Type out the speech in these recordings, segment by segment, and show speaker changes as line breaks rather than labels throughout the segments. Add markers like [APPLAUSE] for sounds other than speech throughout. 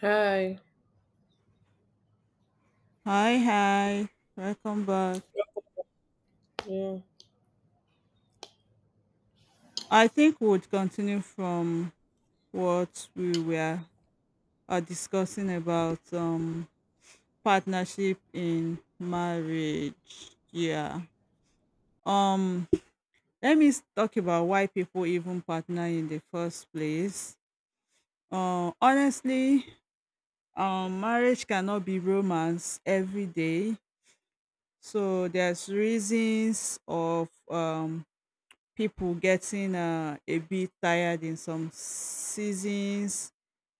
Hi.
Hi, hi. Welcome back.
Yeah.
I think we'll continue from what we were discussing about partnership in marriage. Yeah. Um Let me talk about why people even partner in the first place. Uh, honestly, marriage cannot be romance every day. So there's reasons of people getting a bit tired in some seasons,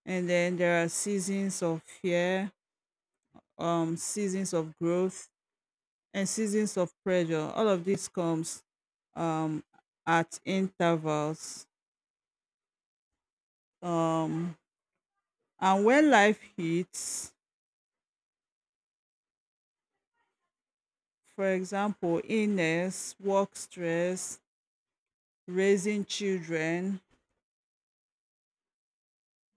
and then there are seasons of fear, seasons of growth, and seasons of pressure. All of this comes, um at intervals, um and when life hits, for example illness, work stress, raising children,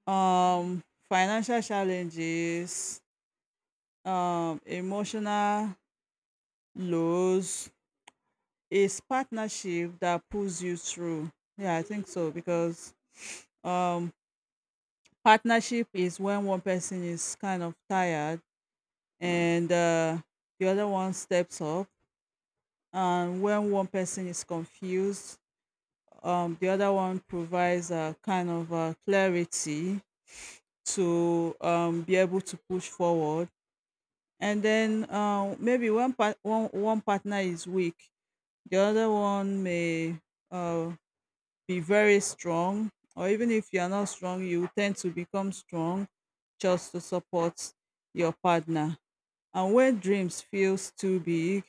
financial challenges, emotional lows. It's partnership that pulls you through. Yeah, I think so, because um partnership is when one person is kind of tired and the other one steps up, and when one person is confused, the other one provides a kind of clarity to be able to push forward. And then maybe one partner is weak, the other one may uh be very strong, or even if you are not strong you tend to become strong just to support your partner. And when dreams feels too big,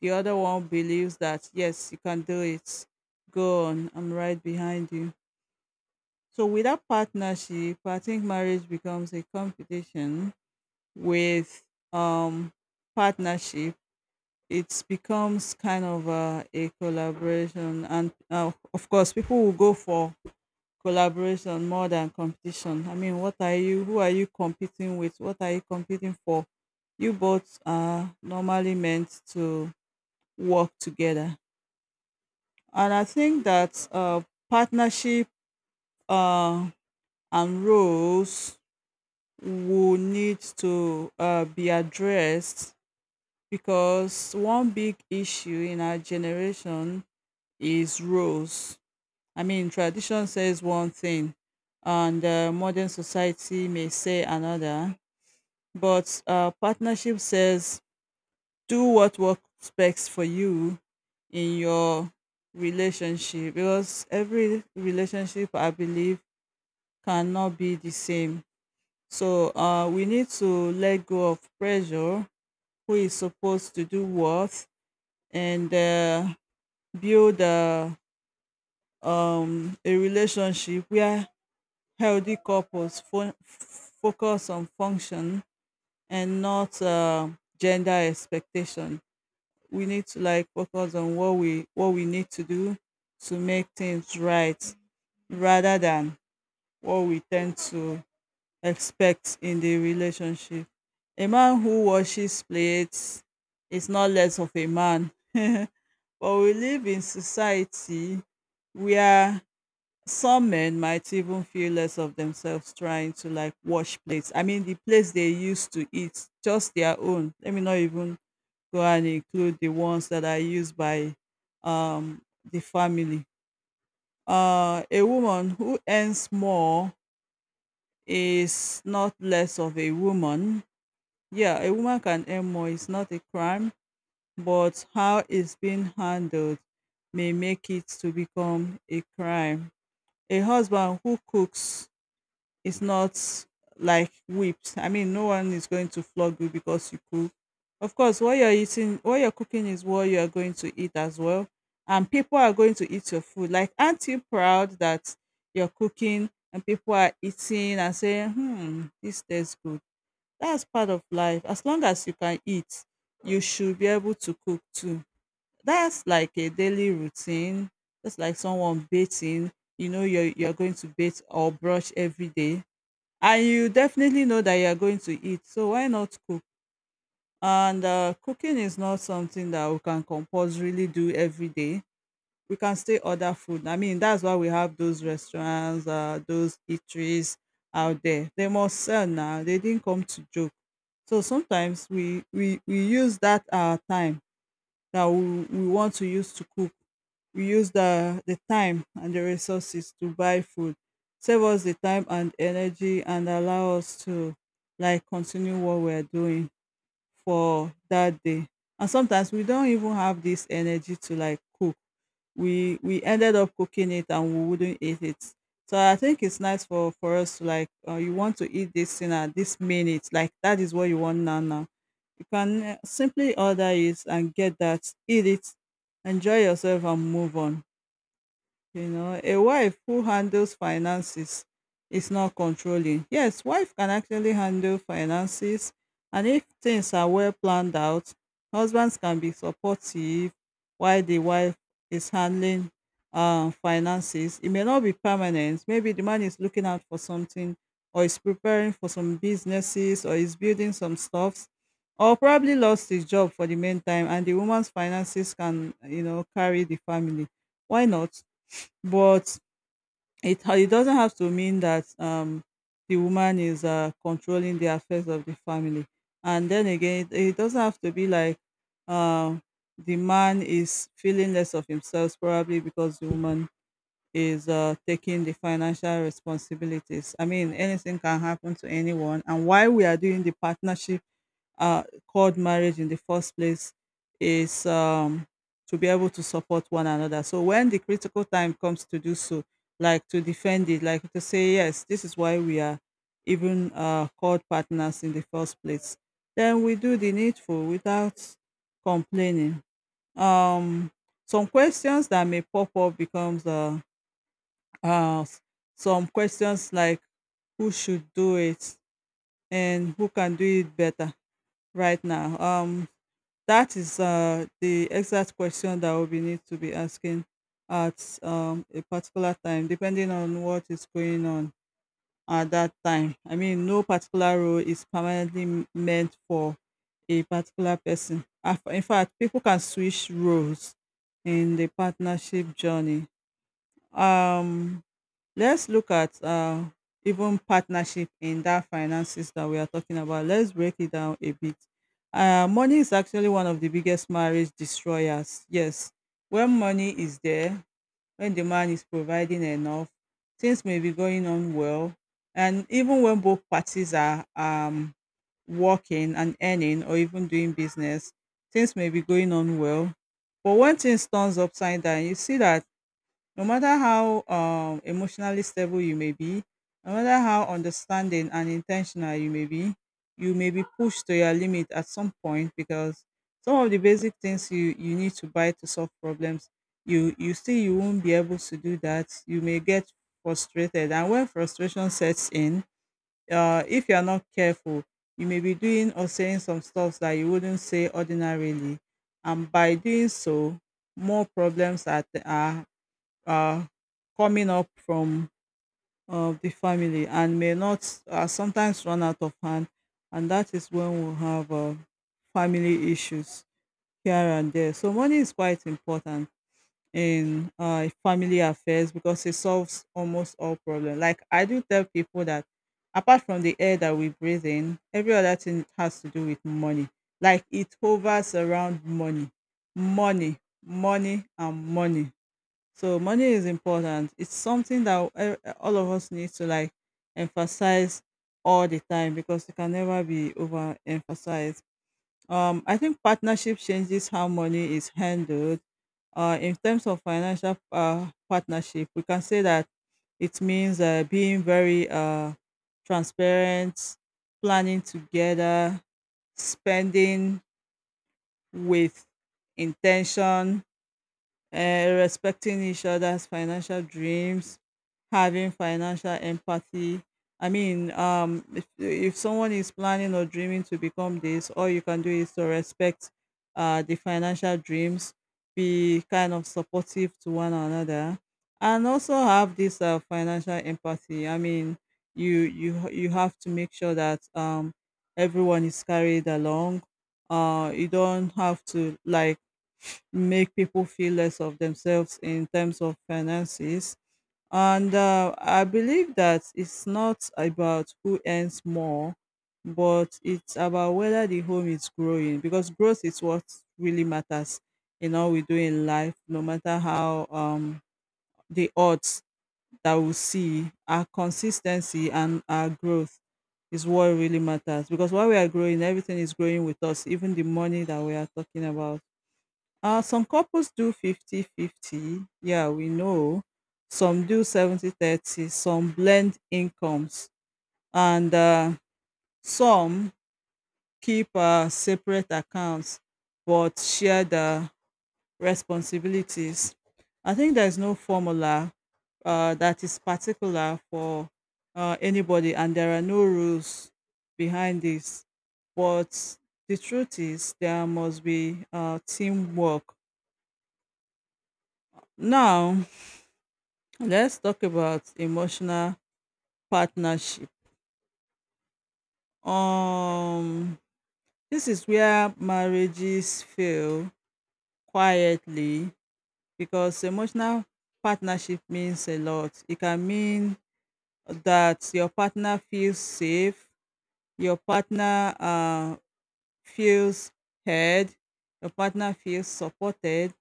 the other one believes that, yes, you can do it, go on, I'm right behind you. So without partnership, I think marriage becomes a competition. With um partnership, it becomes kind of a collaboration, and of course people will go for collaboration more than competition. I mean, what are you? Who are you competing with? What are you competing for? You both are normally meant to work together, and I think that partnership uh, and roles will need to be addressed, because one big issue in our generation is roles. I mean, tradition says one thing, and modern society may say another, but partnership says do what works best for you in your relationship, because every relationship, I believe, cannot be the same. So we need to let go of pressure, who is supposed to do what, and build a relationship where healthy couples focus on function and not gender expectation. We need to like focus on what we need to do to make things right, rather than what we tend to expect in the relationship. A man who washes plates is not less of a man, [LAUGHS] but we live in society where some men might even feel less of themselves trying to like wash plates. I mean, the plates they used to eat, just their own. Let me not even go and include the ones that are used by um, the family. A woman who earns more is not less of a woman. Yeah, a woman can earn more, it's not a crime, but how it's being handled may make it to become a crime. A husband who cooks, it's not like whipped. I mean, no one is going to flog you because you cook. Of course, what you're eating, what you're cooking is what you're going to eat as well. And people are going to eat your food. Like, aren't you proud that you're cooking and people are eating and saying, hmm, this tastes good? That's part of life. As long as you can eat, you should be able to cook too. That's like a daily routine. That's like someone bathing. You know, you're going to bathe or brush every day, and you definitely know that you are going to eat, so why not cook? And cooking is not something that we can compulsorily do every day. We can still order food. I mean, that's why we have those restaurants, those eateries out there. They must sell, now they didn't come to joke. So sometimes we use that our time that we want to use to cook, we use the time and the resources to buy food, save us the time and energy and allow us to like continue what we're doing for that day. And sometimes we don't even have this energy to like cook, we ended up cooking it and we wouldn't eat it. So I think it's nice for us to like, you want to eat this thing at this minute, like that is what you want now. You can simply order it and get that, eat it, enjoy yourself and move on. You know, a wife who handles finances is not controlling. Yes, wife can actually handle finances, and if things are well planned out, husbands can be supportive while the wife is handling finances. It may not be permanent. Maybe the man is looking out for something, or is preparing for some businesses, or is building some stuffs, or probably lost his job for the meantime, and the woman's finances can, you know, carry the family. Why not? But it doesn't have to mean that the woman is controlling the affairs of the family. And then again, it doesn't have to be like um the man is feeling less of himself probably because the woman is taking the financial responsibilities. I mean, anything can happen to anyone. And while we are doing the partnership called marriage, in the first place is, to be able to support one another. So when the critical time comes to do so, like to defend it, like to say, yes, this is why we are even called partners in the first place, then we do the needful without complaining. Um, some questions that may pop up becomes uh, s- some questions like who should do it and who can do it better right now. That is the exact question that we need to be asking at, a particular time, depending on what is going on at that time. I mean, no particular role is permanently meant for a particular person. In fact, people can switch roles in the partnership journey. Um, Let's look at even partnership in that finances that we are talking about. Let's break it down a bit. Money is actually one of the biggest marriage destroyers. Yes, when money is there, when the man is providing enough, things may be going on well. And even when both parties are, working and earning, or even doing business, things may be going on well. But when things turns upside down, you see that no matter how emotionally stable you may be, no matter how understanding and intentional you may be pushed to your limit at some point, because some of the basic things you need to buy to solve problems, you see you won't be able to do that. You may get frustrated, and when frustration sets in, if you are not careful, you may be doing or saying some stuff that you wouldn't say ordinarily, and by doing so, more problems are coming up from the family, and may not sometimes run out of hand. And that is when we'll have family issues here and there. So, money is quite important in family affairs, because it solves almost all problems. Like, I do tell people that apart from the air that we breathe in, every other thing has to do with money. Like, it hovers around money, money, money, and money. So money is important. It's something that all of us need to like emphasize all the time, because it can never be overemphasized. I think partnership changes how money is handled. In terms of financial partnership, we can say that it means being very transparent, planning together, spending with intention, respecting each other's financial dreams, having financial empathy. I mean, if someone is planning or dreaming to become this, all you can do is to respect the financial dreams, be kind of supportive to one another, and also have this financial empathy. I mean, you have to make sure that, everyone is carried along. You don't have to like make people feel less of themselves in terms of finances. And I believe that it's not about who earns more, but it's about whether the home is growing, because growth is what really matters in all we do in life. No matter how, the odds that we see, our consistency and our growth is what really matters, because while we are growing, everything is growing with us, even the money that we are talking about. Some couples do 50-50. Yeah, we know. Some do 70-30. Some blend incomes, and some keep separate accounts but share the responsibilities. I think there's no formula that is particular for anybody, and there are no rules behind this. But the truth is, there must be teamwork. Now, Let's talk about emotional partnership. Um, this is where marriages fail quietly, because emotional partnership means a lot. It can mean that your partner feels safe, your partner feels heard, your partner feels supported,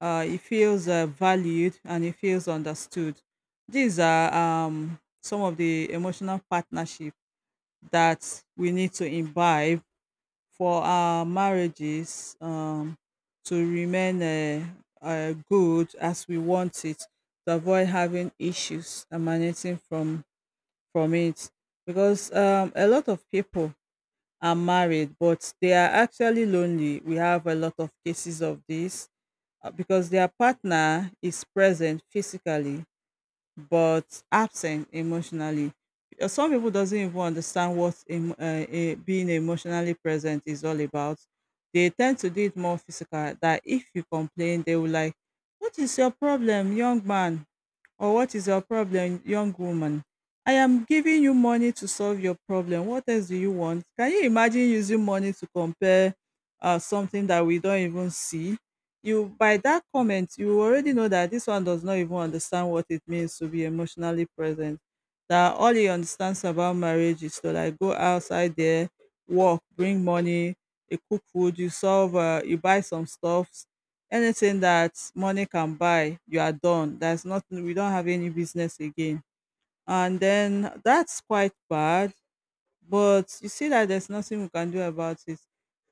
he feels valued, and he feels understood. These are some of the emotional partnership that we need to imbibe for our marriages, to remain good as we want it, to avoid having issues emanating from it, because a lot of people are married but they are actually lonely. We have a lot of cases of this, because their partner is present physically but absent emotionally. Some people doesn't even understand what being emotionally present is all about. They tend to do it more physical. That if you complain, they will like, "What is your problem, young man? Or what is your problem, young woman? I am giving you money to solve your problem. What else do you want? Can you imagine using money to compare something that we don't even see?" You, by that comment, you already know that this one does not even understand what it means to be emotionally present. That all he understands about marriage is to like go outside there, work, bring money, you cook food, you solve, you buy some stuff. Anything that money can buy, you are done. There's nothing. We don't have any business again. And then that's quite bad. But you see that there's nothing we can do about it.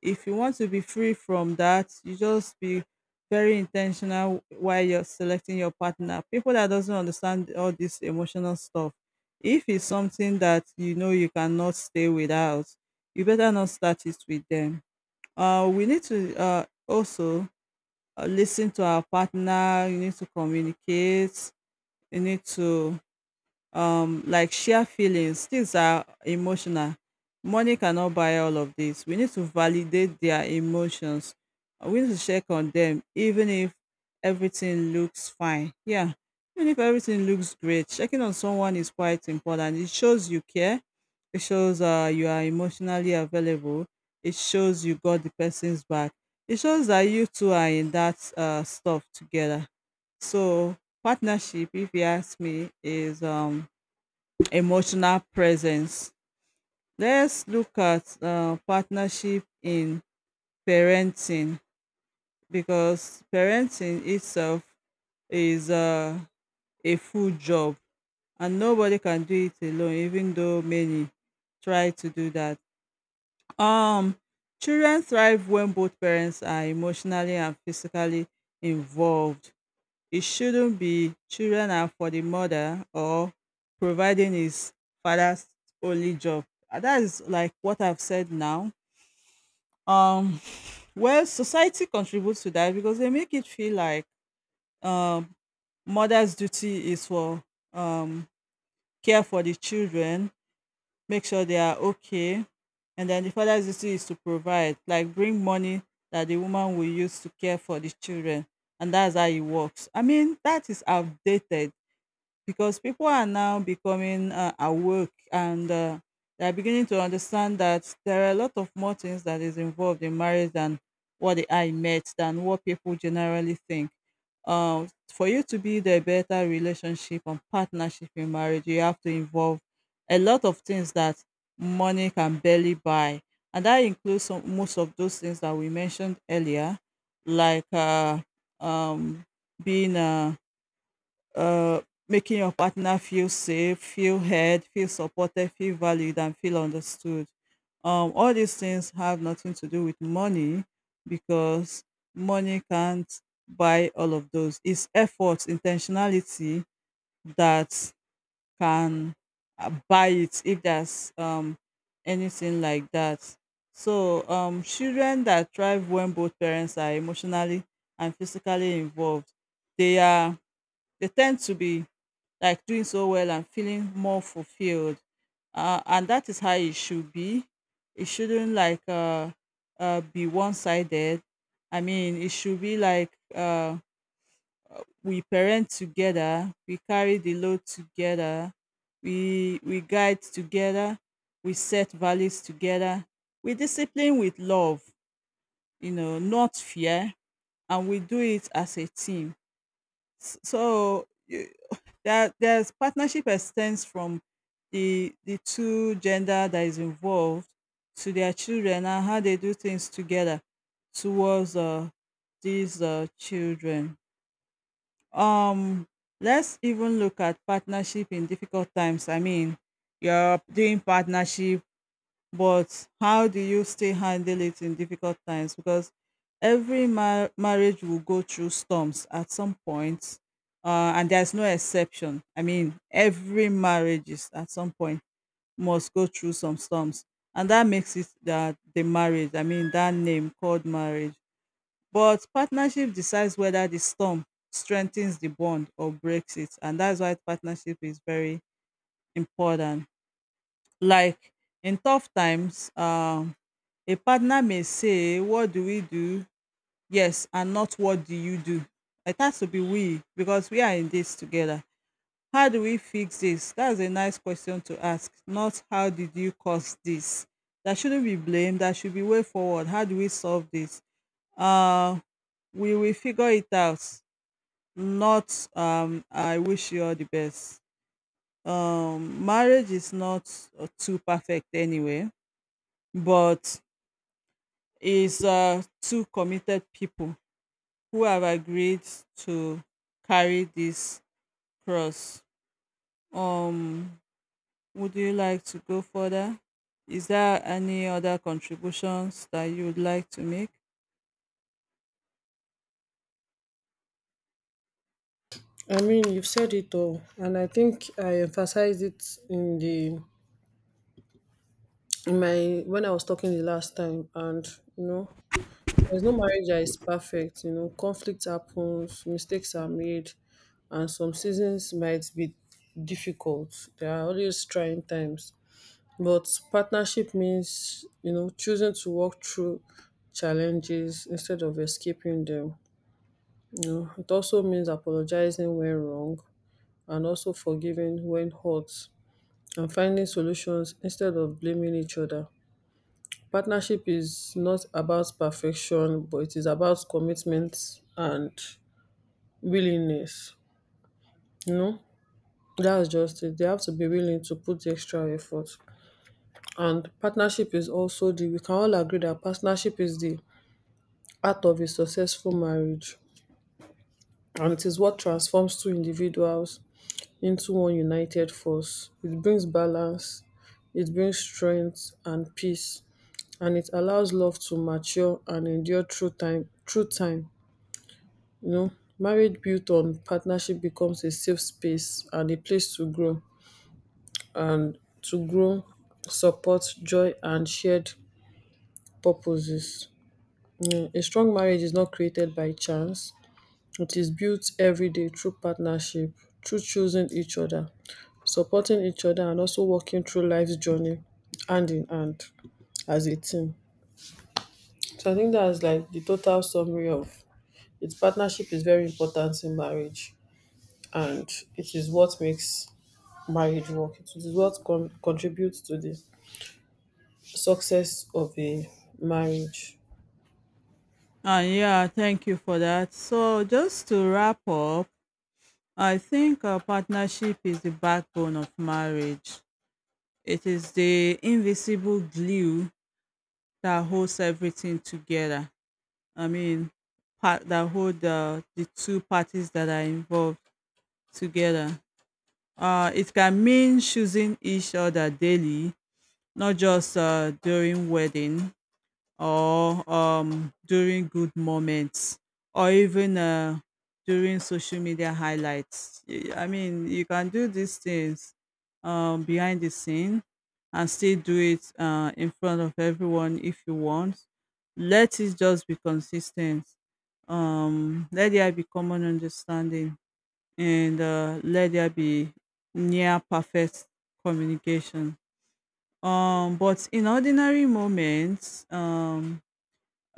If you want to be free from that, you just be very intentional while you're selecting your partner. People that doesn't understand all this emotional stuff, if it's something that you know you cannot stay without, you better not start it with them. We need to also lis to our partner. You need to communicate, you need to like share feelings. Things are emotional. Money cannot buy all of this. We need to validate their emotions, we need to check on them even if everything looks fine, yeah, even if everything looks great. Checking on someone is quite important. It shows you care, it shows you are emotionally available, it shows you got the person's back, it shows that you two are in that stuff together. So partnership, if you ask me, is emotional presence. Let's look at partnership in parenting, because parenting itself is a full job, and nobody can do it alone, even though many try to do that. Um, Children thrive when both parents are emotionally and physically involved. It shouldn't be children are for the mother, or providing is father's only job. And that is like what I've said now. Um, well, society contributes to that because they make it feel like um, mother's duty is for um, care for the children, make sure they are okay, and then the father's duty is to provide, like bring money that the woman will use to care for the children, and that's how it works. I mean, that is outdated, because people are now becoming awake, and they are beginning to understand that there are a lot of more things that is involved in marriage than what the eye met, than what people generally think. For you to build a better relationship and partnership in marriage, you have to involve a lot of things that money can barely buy, and that includes some, most of those things that we mentioned earlier, like um, being uh, making your partner feel safe, feel heard, feel supported, feel valued, and feel understood. All these things have nothing to do with money, because money can't buy all of those. It's effort, intentionality, that can buy it, if there's anything like that. So, children that thrive when both parents are emotionally and physically involved, they are they tend to be like doing so well and feeling more fulfilled. And that is how it should be. It shouldn't like be one sided. I mean, it should be like, we parent together, we carry the load together, we guide together, we set values together, we discipline with love, you know, not fear, and we do it as a team. S- so you, there's partnership extends from the two gender that is involved to their children, and how they do things together towards these children. um let's even look at partnership in difficult times. I mean, you're doing partnership, but how do you still handle it in difficult times? Because every marriage will go through storms at some point, and there's no exception. I mean, every marriage is at some point must go through some storms, and that makes it that the marriage. I mean, that name called marriage. But partnership decides whether the storm strengthens the bond or breaks it, and that's why partnership is very important. Like in tough times, a partner may say, "What do we do?" Yes, and not "What do you do?" It has to be "we," because we are in this together. "How do we fix this?" That's a nice question to ask, not "How did you cause this?" That shouldn't be blame. That should be way forward. "How do we solve this? Uh, we will figure it out." Not, "I wish you all the best." Marriage is not too perfect anyway, but is two committed people who have agreed to carry this cross. Um, would you like to go further? Is there any other contributions that you would like to make?
I mean, you've said it all, and I think I emphasized it in the in my when I was talking the last time. And you know, there's no marriage that is perfect. You know, conflict happens, mistakes are made, and some seasons might be difficult. There are always trying times, but partnership means you know choosing to walk through challenges instead of escaping them. You know, it also means apologizing when wrong and also forgiving when hurt and finding solutions instead of blaming each other. Partnership is not about perfection, but it is about commitment and willingness. You know, that's just it. They have to be willing to put the extra effort. And partnership is also we can all agree that partnership is the art of a successful marriage. And it is what transforms two individuals into one united force. It brings balance, it brings strength and peace, and it allows love to mature and endure through time. Through time, you know, marriage built on partnership becomes a safe space and a place to grow and to grow, support, joy, and shared purposes. Mm, a strong marriage is not created by chance. It is built every day through partnership, through choosing each other, supporting each other, and also walking through life's journey hand in hand as a team. So I think that's like the total summary of its partnership is very important in marriage, and it is what makes marriage work. It is what contributes to the success of a marriage.
Yeah, thank you for that. So, just to wrap up, I think a partnership is the backbone of marriage. It is the invisible glue that holds everything together. I mean, part that hold the two parties that are involved together. It can mean choosing each other daily, not just during wedding, or during good moments, or even during social media highlights. I mean, you can do these things behind the scene, and still do it in front of everyone if you want. Let it just be consistent. Let there be common understanding, and let there be near perfect communication. But in ordinary moments,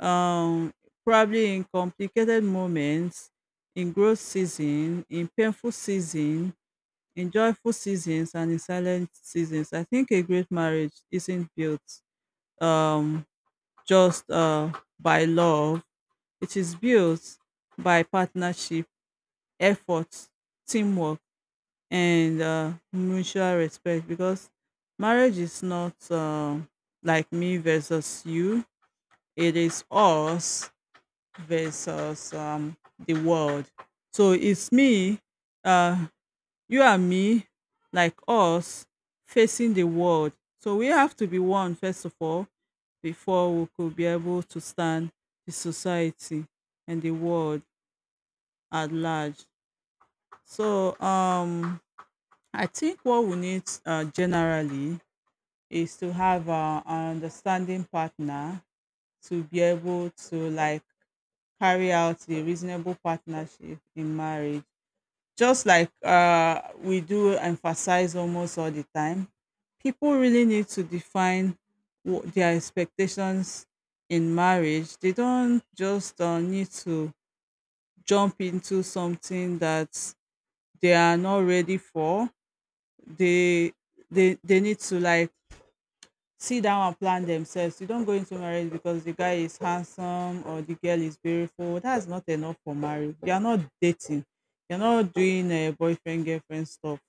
um, probably in complicated moments, in growth season, in painful season, in joyful seasons, and in silent seasons. I think a great marriage isn't built um, just by love, it is built by partnership, effort, teamwork, and mutual respect. Because marriage is not like me versus you, it is us versus the world. So it's me, uh, you and me, like us, facing the world. So we have to be one, first of all, before we could be able to stand the society and the world at large. So I think what we need, generally, is to have an understanding partner, to be able to like carry out the reasonable partnership in marriage. Just like, we do emphasize almost all the time, people really need to define what their expectations in marriage. They don't just need to jump into something that they are not ready for. They, they need to like sit down and plan themselves. You don't go into marriage because the guy is handsome or the girl is beautiful. That's not enough for marriage. You are not dating. You're not doing a boyfriend girlfriend stuff.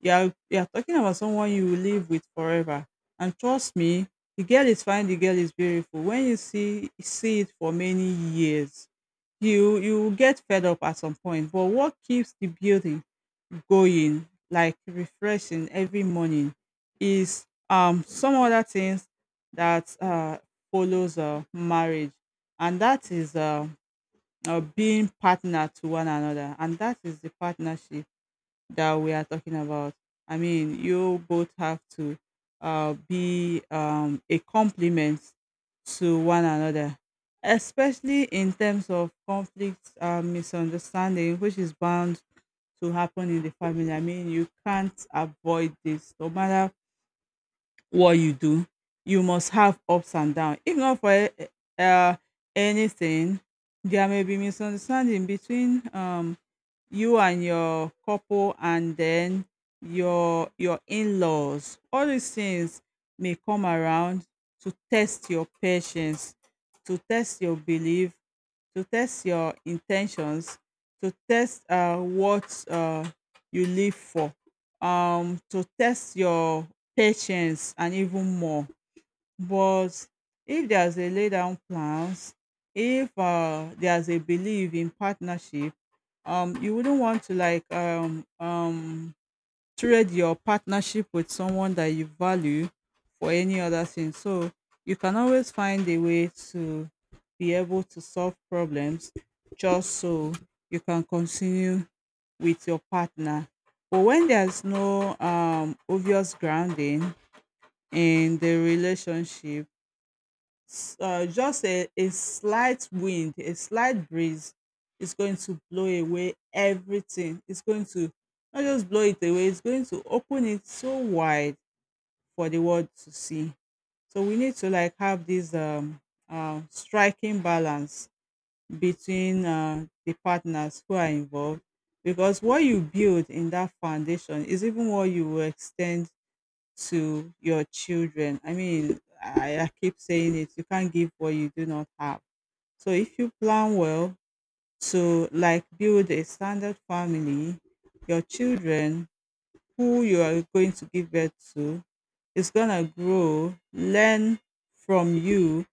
You are talking about someone you will live with forever. And trust me, the girl is fine. The girl is beautiful. When you see it for many years, you get fed up at some point. But what keeps the building going, like refreshing every morning, is some other things that follows marriage, and that is being partner to one another, and that is the partnership that we are talking about. I mean, you both have to be a complement to one another, especially in terms of conflict, misunderstanding, which is bound to happen in the family. I mean, you can't avoid this. No matter what you do, you must have ups and downs. If not for uh, anything, there may be misunderstanding between you and your couple, and then your in-laws. All these things may come around to test your patience, to test your belief, to test your intentions, to test what you live for, to test your patience and even more. But if there's a lay down plans, if there's a belief in partnership, you wouldn't want to like trade your partnership with someone that you value for any other thing. So you can always find a way to be able to solve problems just so you can continue with your partner. But when there's no obvious grounding in the relationship, just a slight wind, a slight breeze is going to blow away everything. It's going to not just blow it away, it's going to open it so wide for the world to see. So we need to like have this striking balance between the partners who are involved, because what you build in that foundation is even what you will extend to your children. I mean, I keep saying it, you can't give what you do not have. So if you plan well to like build a standard family, your children who you are going to give birth to is gonna grow, learn from you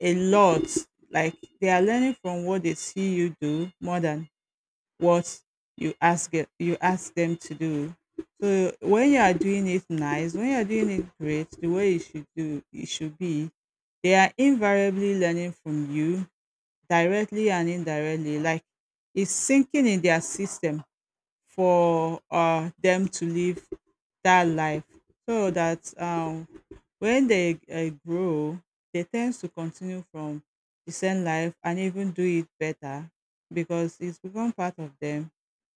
a lot. Like they are learning from what they see you do more than what you ask them to do. So when you are doing it nice, when you are doing it great, the way you should do it should be, they are invariably learning from you directly and indirectly. Like it's sinking in their system for them to live that life, so that when they grow, they tend to continue from the same life and even do it better, because it's become part of them.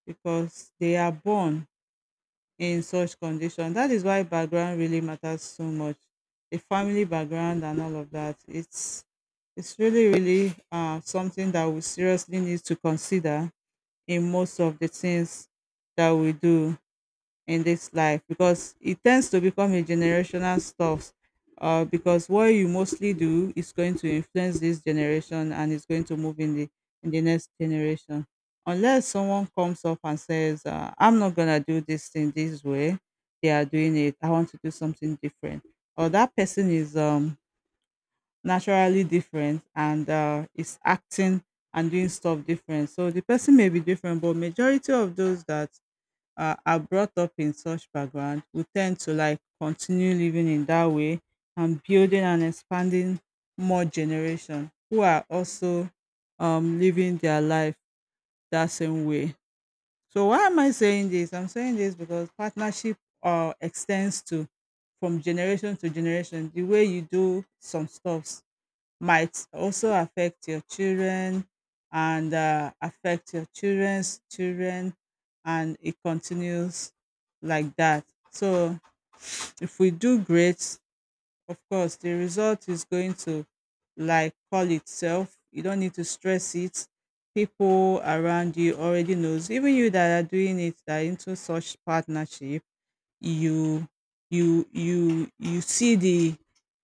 Because they are born in such condition, that is why background really matters so much. The family background and all of that, it's really really something that we seriously need to consider in most of the things that we do in this life, because it tends to become a generational stuff. Because what you mostly do is going to influence this generation, and it's going to move in the next generation, unless someone comes up and says I'm not gonna do this thing this way they are doing it. I want to do something different. Or that person is naturally different, and is acting and doing stuff different. So the person may be different, but majority of those that are brought up in such background will tend to like continue living in that way, and building and expanding more generation who are also living their life that same way. So why am I saying this? I'm saying this because partnership extends to from generation to generation. The way you do some stuffs might also affect your children, and affect your children's children, and it continues like that. So if we do great, of course the result is going to like call itself. You don't need to stress it. People around you already knows, even you that are doing it, that are into such partnership. You you you you see the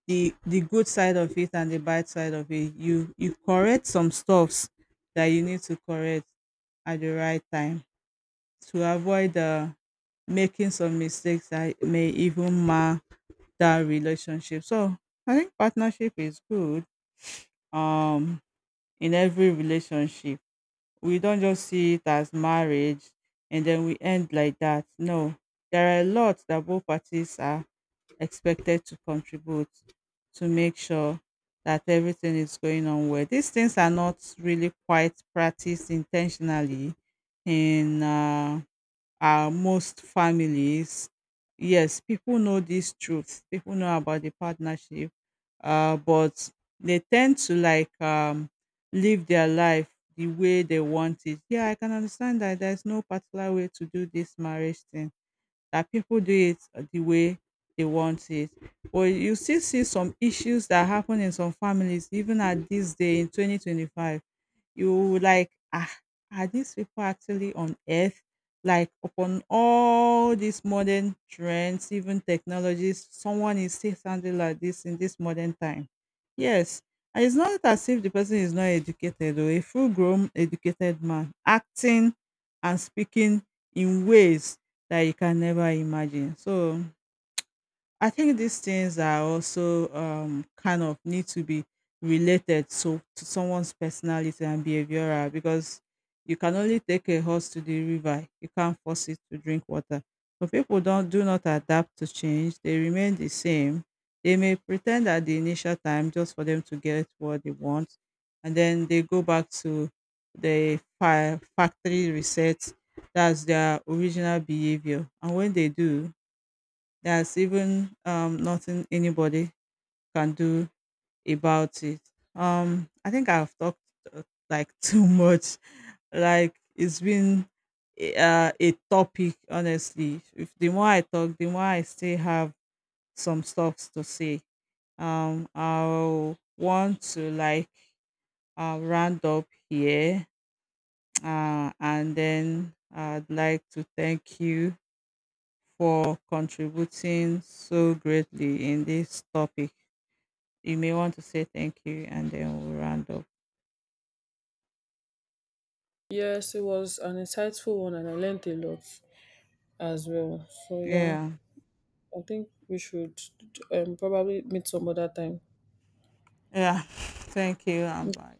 the good side of it and the bad side of it. You correct some stuffs that you need to correct at the right time, to avoid making some mistakes that may even mar that relationship. So I think partnership is good um in every relationship. We don't just see it as marriage and then we end like that. No, there are a lot that both parties are expected to contribute to make sure that everything is going on well. These things are not really quite practiced intentionally in our most families. Yes, people know this truth. People know about the partnership, but they tend to like live their life the way they want it. Yeah, I can understand that there's no particular way to do this marriage thing, that people do it the way they want it. But you still see some issues that happen in some families even at this day in 2025, you like, ah, are these people actually on earth? Like upon all these modern trends, even technologies, someone is still sounding like this in this modern time. Yes. And it's not as if the person is not educated, or a full grown educated man acting and speaking in ways that you can never imagine. So I think these things are also kind of need to be related so to someone's personality and behavioral, because you can only take a horse to the river. You can't force it to drink water. But people don't do not adapt to change. They remain the same. They may pretend at the initial time just for them to get what they want, and then they go back to the factory reset. That's their original behavior. And when they do, there's even nothing anybody can do about it. I think I've talked uh, like [LAUGHS] too much. Like it's been a topic, honestly. If the more I talk, the more I still have some stuff to say. I'll want to like round up here, and then I'd like to thank you for contributing so greatly in this topic. You may want to say thank you, and then we'll round up.
Yes, it was an insightful one, and I learned a lot as well. So yeah.
Yeah.
I think we should probably meet some other time.
Yeah. [LAUGHS] Thank you. And bye.